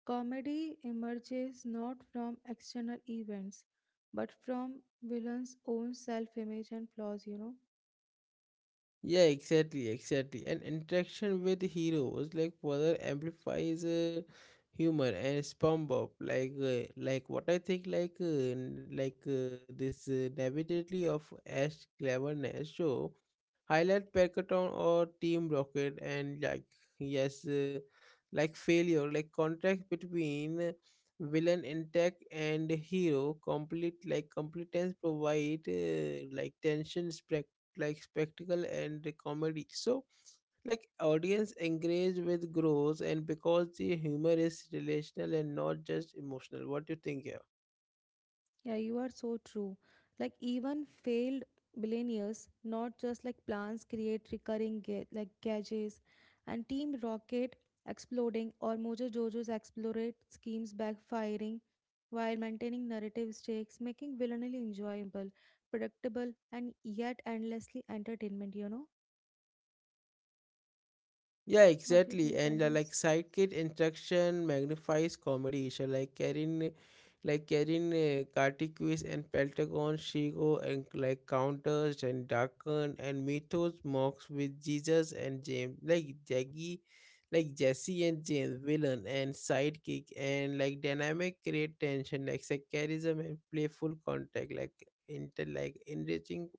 Comedy emerges not from external events, but from villains' own self-image and flaws. Yeah, exactly, exactly. And interaction with heroes like further amplifies humor and SpongeBob. Like what I think, like this navigatively of Ash cleverness show highlight Packathon or Team Rocket and like yes, like failure, like contract between villain intact and hero complete like competence provide like tension spec like spectacle and comedy, so like audience engage with growth and because the humor is relational and not just emotional. What do you think here? Yeah, you are so true. Like even failed billionaires, not just like plans create recurring like gauges and Team Rocket exploding or Mojo Jojo's explorate schemes backfiring while maintaining narrative stakes, making villainy enjoyable, predictable and yet endlessly entertainment, Yeah, What do you exactly. think on And like this? sidekick interaction magnifies comedy. So like Karin Kartikuis and Pentagon Shigo and like counters and Darkon and Mythos mocks with Jesus and James like Jesse and James villain and sidekick and like dynamic create tension like sarcasm and playful contact like inter like enriching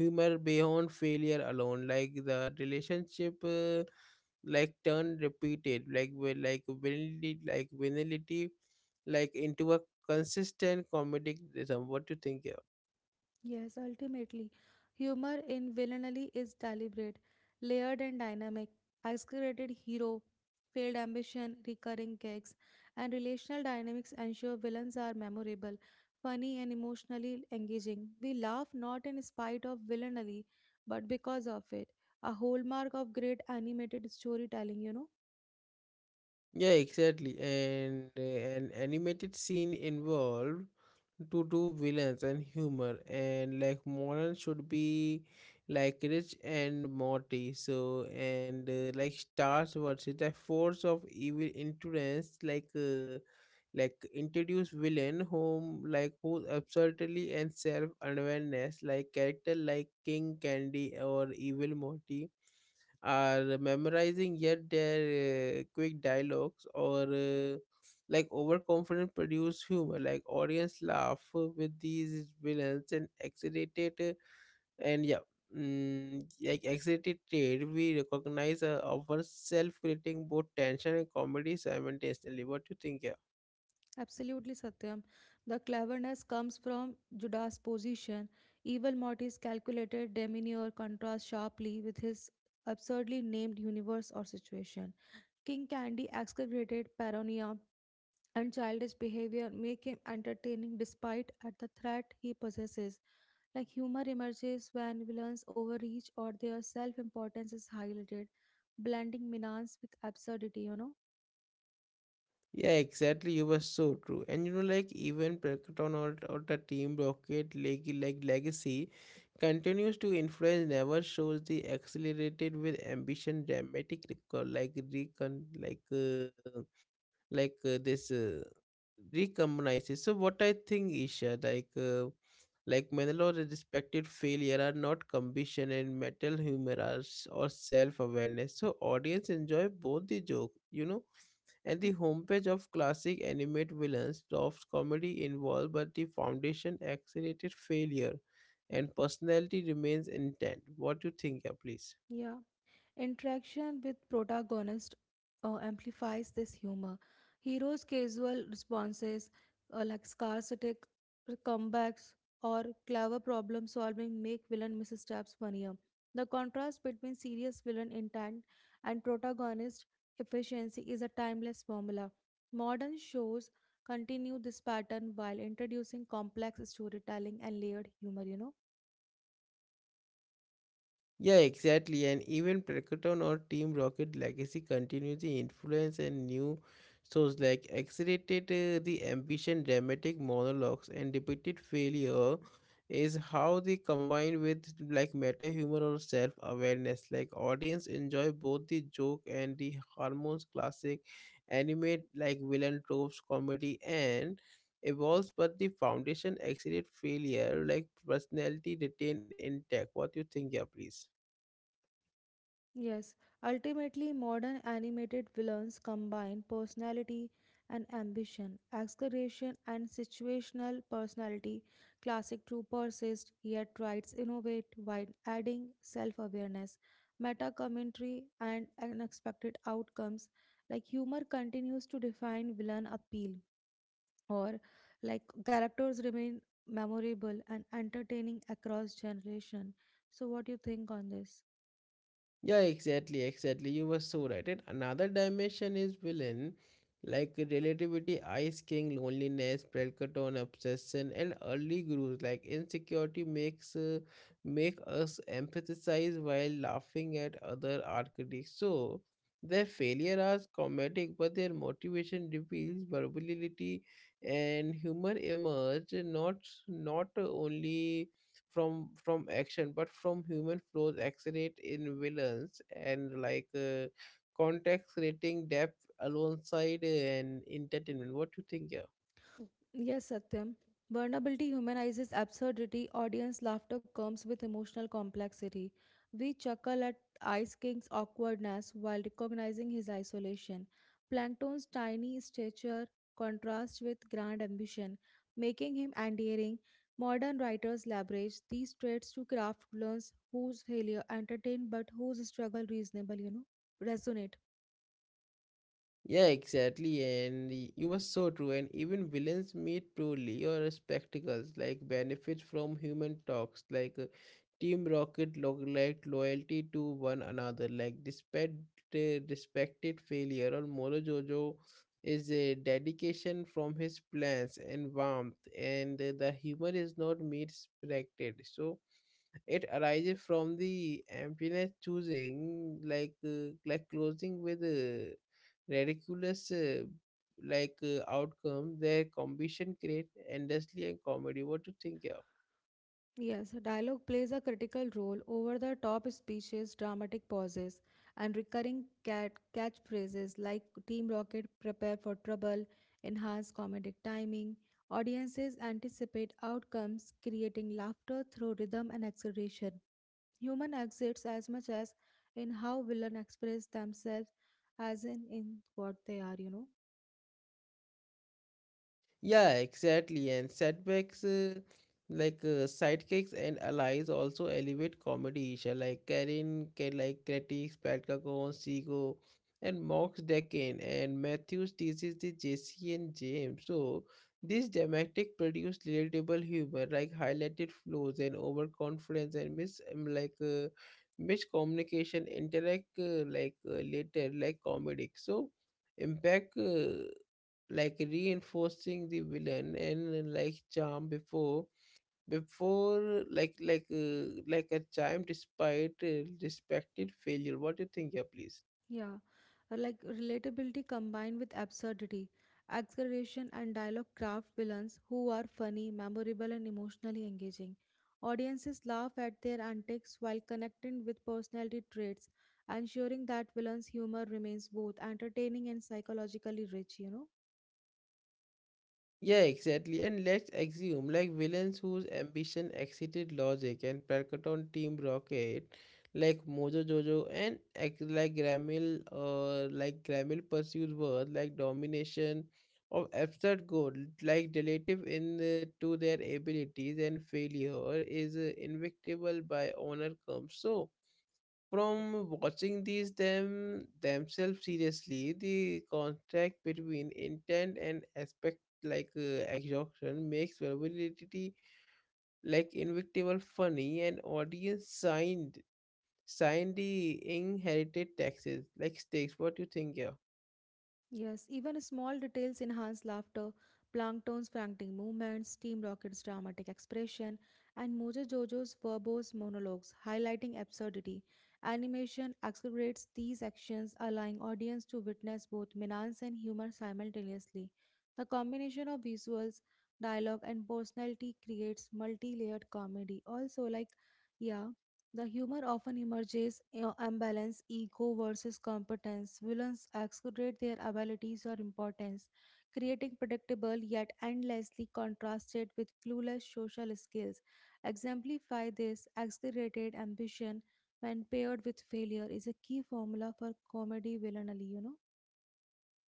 humor beyond failure alone like the relationship like turned repeated like vanity like into a consistent comedic rhythm. What do you think? Yes, ultimately, humor in villainy is deliberate, layered, and dynamic. Exaggerated hero, failed ambition, recurring gags, and relational dynamics ensure villains are memorable, funny, and emotionally engaging. We laugh not in spite of villainy, but because of it. A hallmark of great animated storytelling, Yeah, exactly. And an animated scene involved to do villains and humor and like modern should be like Rich and Morty. So and like stars versus the force of evil influence like like introduce villain whom like whose absurdity and self awareness like character like King Candy or Evil Morty are memorizing yet their quick dialogues or like overconfident produce humor like audience laugh with these villains and excited and yeah, like excited trade we recognize our self creating both tension and comedy simultaneously. What do you think, yeah? Absolutely, Satyam. The cleverness comes from Judas' position. Evil Morty's calculated demeanor contrasts sharply with his absurdly named universe or situation. King Candy exaggerated paranoia and childish behavior make him entertaining despite at the threat he possesses. Like humor emerges when villains overreach or their self-importance is highlighted, blending menace with absurdity, Yeah, exactly. You were so true. And you know, like even Prakriton or the Team Rocket leg, like legacy continues to influence never shows the accelerated with ambition dramatic record like recon like this recombinizes. So what I think, Isha, like like Manolo's respected failure are not ambition and metal humor are or self awareness. So audience enjoy both the joke and the Hmm. homepage of classic animate villains drops comedy involved, but the foundation accelerated failure and personality remains intact. What do you think, yeah, please? Yeah. Interaction with protagonist amplifies this humor. Heroes' casual responses, like sarcastic comebacks or clever problem solving, make villain missteps funnier. The contrast between serious villain intent and protagonist efficiency is a timeless formula. Modern shows continue this pattern while introducing complex storytelling and layered humor, Yeah, exactly. And even Prakatan or Team Rocket legacy continues the influence and new shows like Accelerated the Ambition, dramatic monologues, and depicted failure is how they combine with like meta humor or self awareness. Like audience enjoy both the joke and the hormones classic animate like villain tropes, comedy and evolves but the foundation accelerate failure like personality retained intact. What do you think, yeah, please? Yes, ultimately, modern animated villains combine personality and ambition, exaggeration and situational personality. Classic true persist, yet writes innovate while adding self awareness, meta commentary, and unexpected outcomes. Like humor continues to define villain appeal, or like characters remain memorable and entertaining across generation. So, what do you think on this? Yeah, exactly, exactly. You were so right. And another dimension is villain, like relativity, Ice King, loneliness, Pelkaton, obsession, and early gurus. Like insecurity make us emphasize while laughing at other architects. So their failure are comedic, but their motivation reveals versatility and humor emerge not only from action but from human flaws accelerate in villains and like context creating depth alongside and entertainment. What do you think, yeah? Yes, Satyam. Vulnerability humanizes absurdity. Audience laughter comes with emotional complexity. We chuckle at Ice King's awkwardness while recognizing his isolation. Plankton's tiny stature contrasts with grand ambition, making him endearing. Modern writers leverage these traits to craft villains whose failure entertain but whose struggle reasonable, resonate. Yeah, exactly. And you were so true. And even villains meet truly or spectacles, like benefits from human talks, like Team Rocket log like loyalty to one another, like despite uh, respected failure, or Moro Jojo is a dedication from his plans and warmth, and the humor is not meat respected. So it arises from the emptiness choosing, like like closing with ridiculous like outcome. Their combination create endlessly and comedy. What do you think, yeah? Yes, dialogue plays a critical role. Over the top speeches, dramatic pauses, and recurring catchphrases like Team Rocket, prepare for trouble, enhance comedic timing. Audiences anticipate outcomes, creating laughter through rhythm and acceleration. Human exits as much as in how villains express themselves as in what they are, Yeah, exactly. And setbacks like sidekicks and allies also elevate comedy, Isha. Like Karin, like critics, Patkagon, Sigo, and Mox Decan, and Matthews teaches the JC and James. So this dramatic produced relatable humor, like highlighted flaws and overconfidence and miscommunication interact like later like comedic. So impact. Like reinforcing the villain and like charm before like a charm despite respected failure. What do you think, yeah, please? Yeah, like relatability combined with absurdity, exaggeration and dialogue craft villains who are funny, memorable, and emotionally engaging. Audiences laugh at their antics while connecting with personality traits, ensuring that villains' humor remains both entertaining and psychologically rich. Yeah, exactly. And let's assume like villains whose ambition exceeded logic and Perkaton Team Rocket, like Mojo Jojo and Gramil pursues worth like domination of abstract goal, like relative in to their abilities and failure is invictable by honor comes. So from watching these them themselves seriously, the contract between intent and aspect like exhaustion makes vulnerability like invictable funny and audience signed the inherited taxes like stakes. What do you think, yeah? Yes, even small details enhance laughter. Plankton's frantic movements, Steam Rocket's dramatic expression, and Mojo Jojo's verbose monologues highlighting absurdity. Animation accelerates these actions, allowing audience to witness both menace and humor simultaneously. The combination of visuals, dialogue, and personality creates multi-layered comedy. Also, like, yeah, the humor often emerges in imbalance, ego versus competence. Villains exaggerate their abilities or importance, creating predictable yet endlessly contrasted with clueless social skills. Exemplify this exaggerated ambition when paired with failure is a key formula for comedy villainy,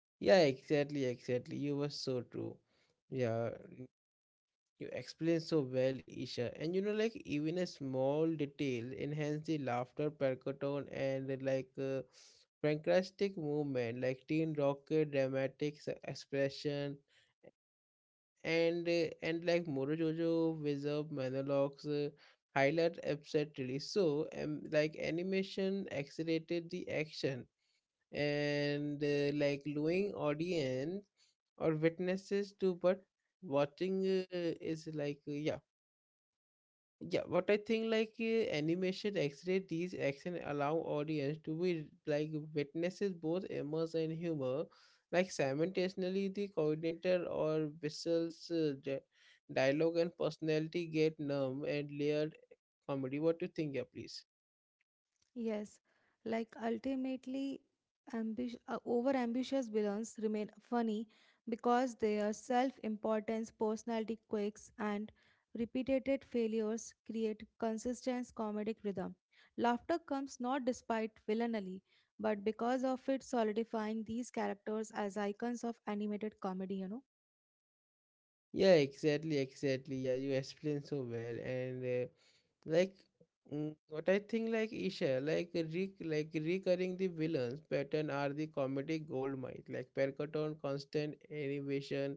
Yeah, exactly, exactly. You were so true. Yeah, you explain so well, Isha. And you know, like even a small detail enhance the laughter, percotone, and like pancreatic movement, like Teen Rocket, dramatic expression, and and like Morojojo reserve monologues highlight upset release. So, like animation accelerated the action and like luring audience or witnesses to but watching is like yeah, yeah, what I think like animation X-ray these action allow audience to be like witnesses both emotion and humor, like simultaneously the coordinator or Bissell's dialogue and personality get numb and layered comedy. What do you think, yeah, please? Yes, like ultimately, over ambitious villains remain funny because their self importance, personality quirks, and repeated failures create consistent comedic rhythm. Laughter comes not despite villainy, but because of it solidifying these characters as icons of animated comedy, Yeah, exactly, exactly. Yeah, you explained so well, and like what I think, like, Isha, like recurring the villains pattern are the comedic gold mine. Like Percoton constant innovation,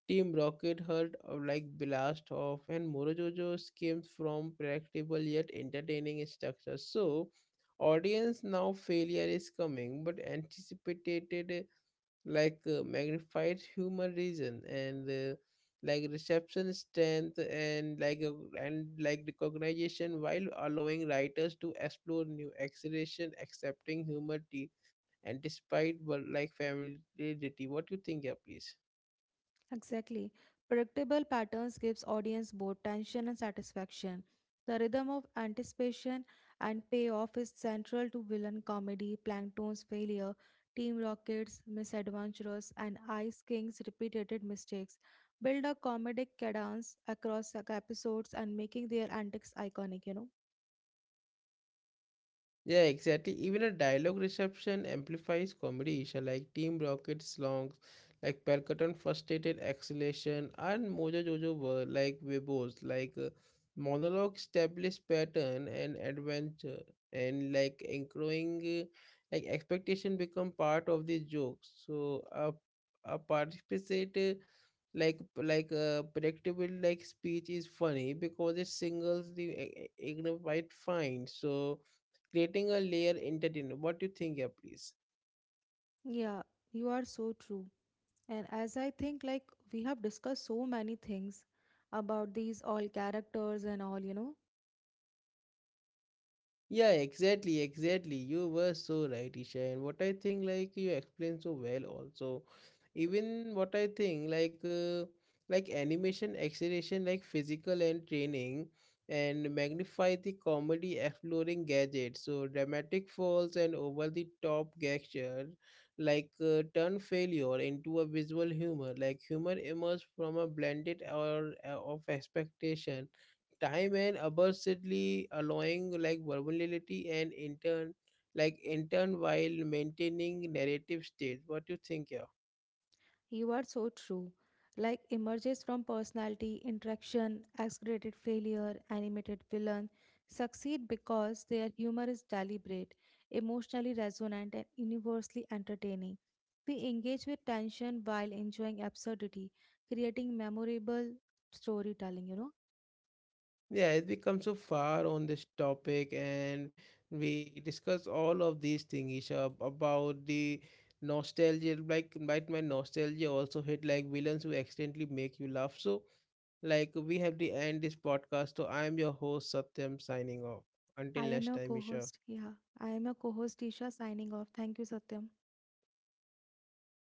Team Rocket heard of like blast off and Morojojo schemes from practical yet entertaining structure. So audience now failure is coming but anticipated like magnified humor, reason and like reception strength and and like recognition while allowing writers to explore new acceleration accepting humor tea and despite but like familiarity. What you think, yeah, please? Exactly. Predictable patterns gives audience both tension and satisfaction. The rhythm of anticipation and payoff is central to villain comedy, Plankton's failure, Team Rocket's misadventures, and Ice King's repeated mistakes. Build a comedic cadence across the episodes and making their antics iconic, Yeah, exactly. Even a dialogue reception amplifies comedy, Isha, like Team Rocket songs, like Percussion Frustrated Acceleration, and Mojo Jojo were like Webos, like monologue established pattern and adventure, and like encroaching, like expectation become part of the jokes. So a participate like predictable like speech is funny because it singles the ignorant white fine, so creating a layer entertainer. What do you think here, please? Yeah, you are so true. And as I think, like, we have discussed so many things about these all characters and all, Yeah, exactly, exactly. You were so right, Isha. And what I think, like you explained so well, also, even what I think, like animation, acceleration, like physical and training, and magnify the comedy, exploring gadgets. So dramatic falls and over the top gesture, like turn failure into a visual humor. Like humor emerges from a blended or of expectation time and absurdly allowing like vulnerability and intern while maintaining narrative state. What do you think here? You are so true. Like emerges from personality, interaction, exaggerated failure, animated villain, succeed because their humor is deliberate, emotionally resonant, and universally entertaining. We engage with tension while enjoying absurdity, creating memorable storytelling, Yeah, it's become so far on this topic and we discuss all of these things, Isha, about the nostalgia, like right, my nostalgia also hit like villains who accidentally make you laugh. So like we have to end this podcast. So I'm your host Satyam signing off. Until I next am time, your co Isha. host. Yeah, I am your co host, Isha, signing off. Thank you, Satyam.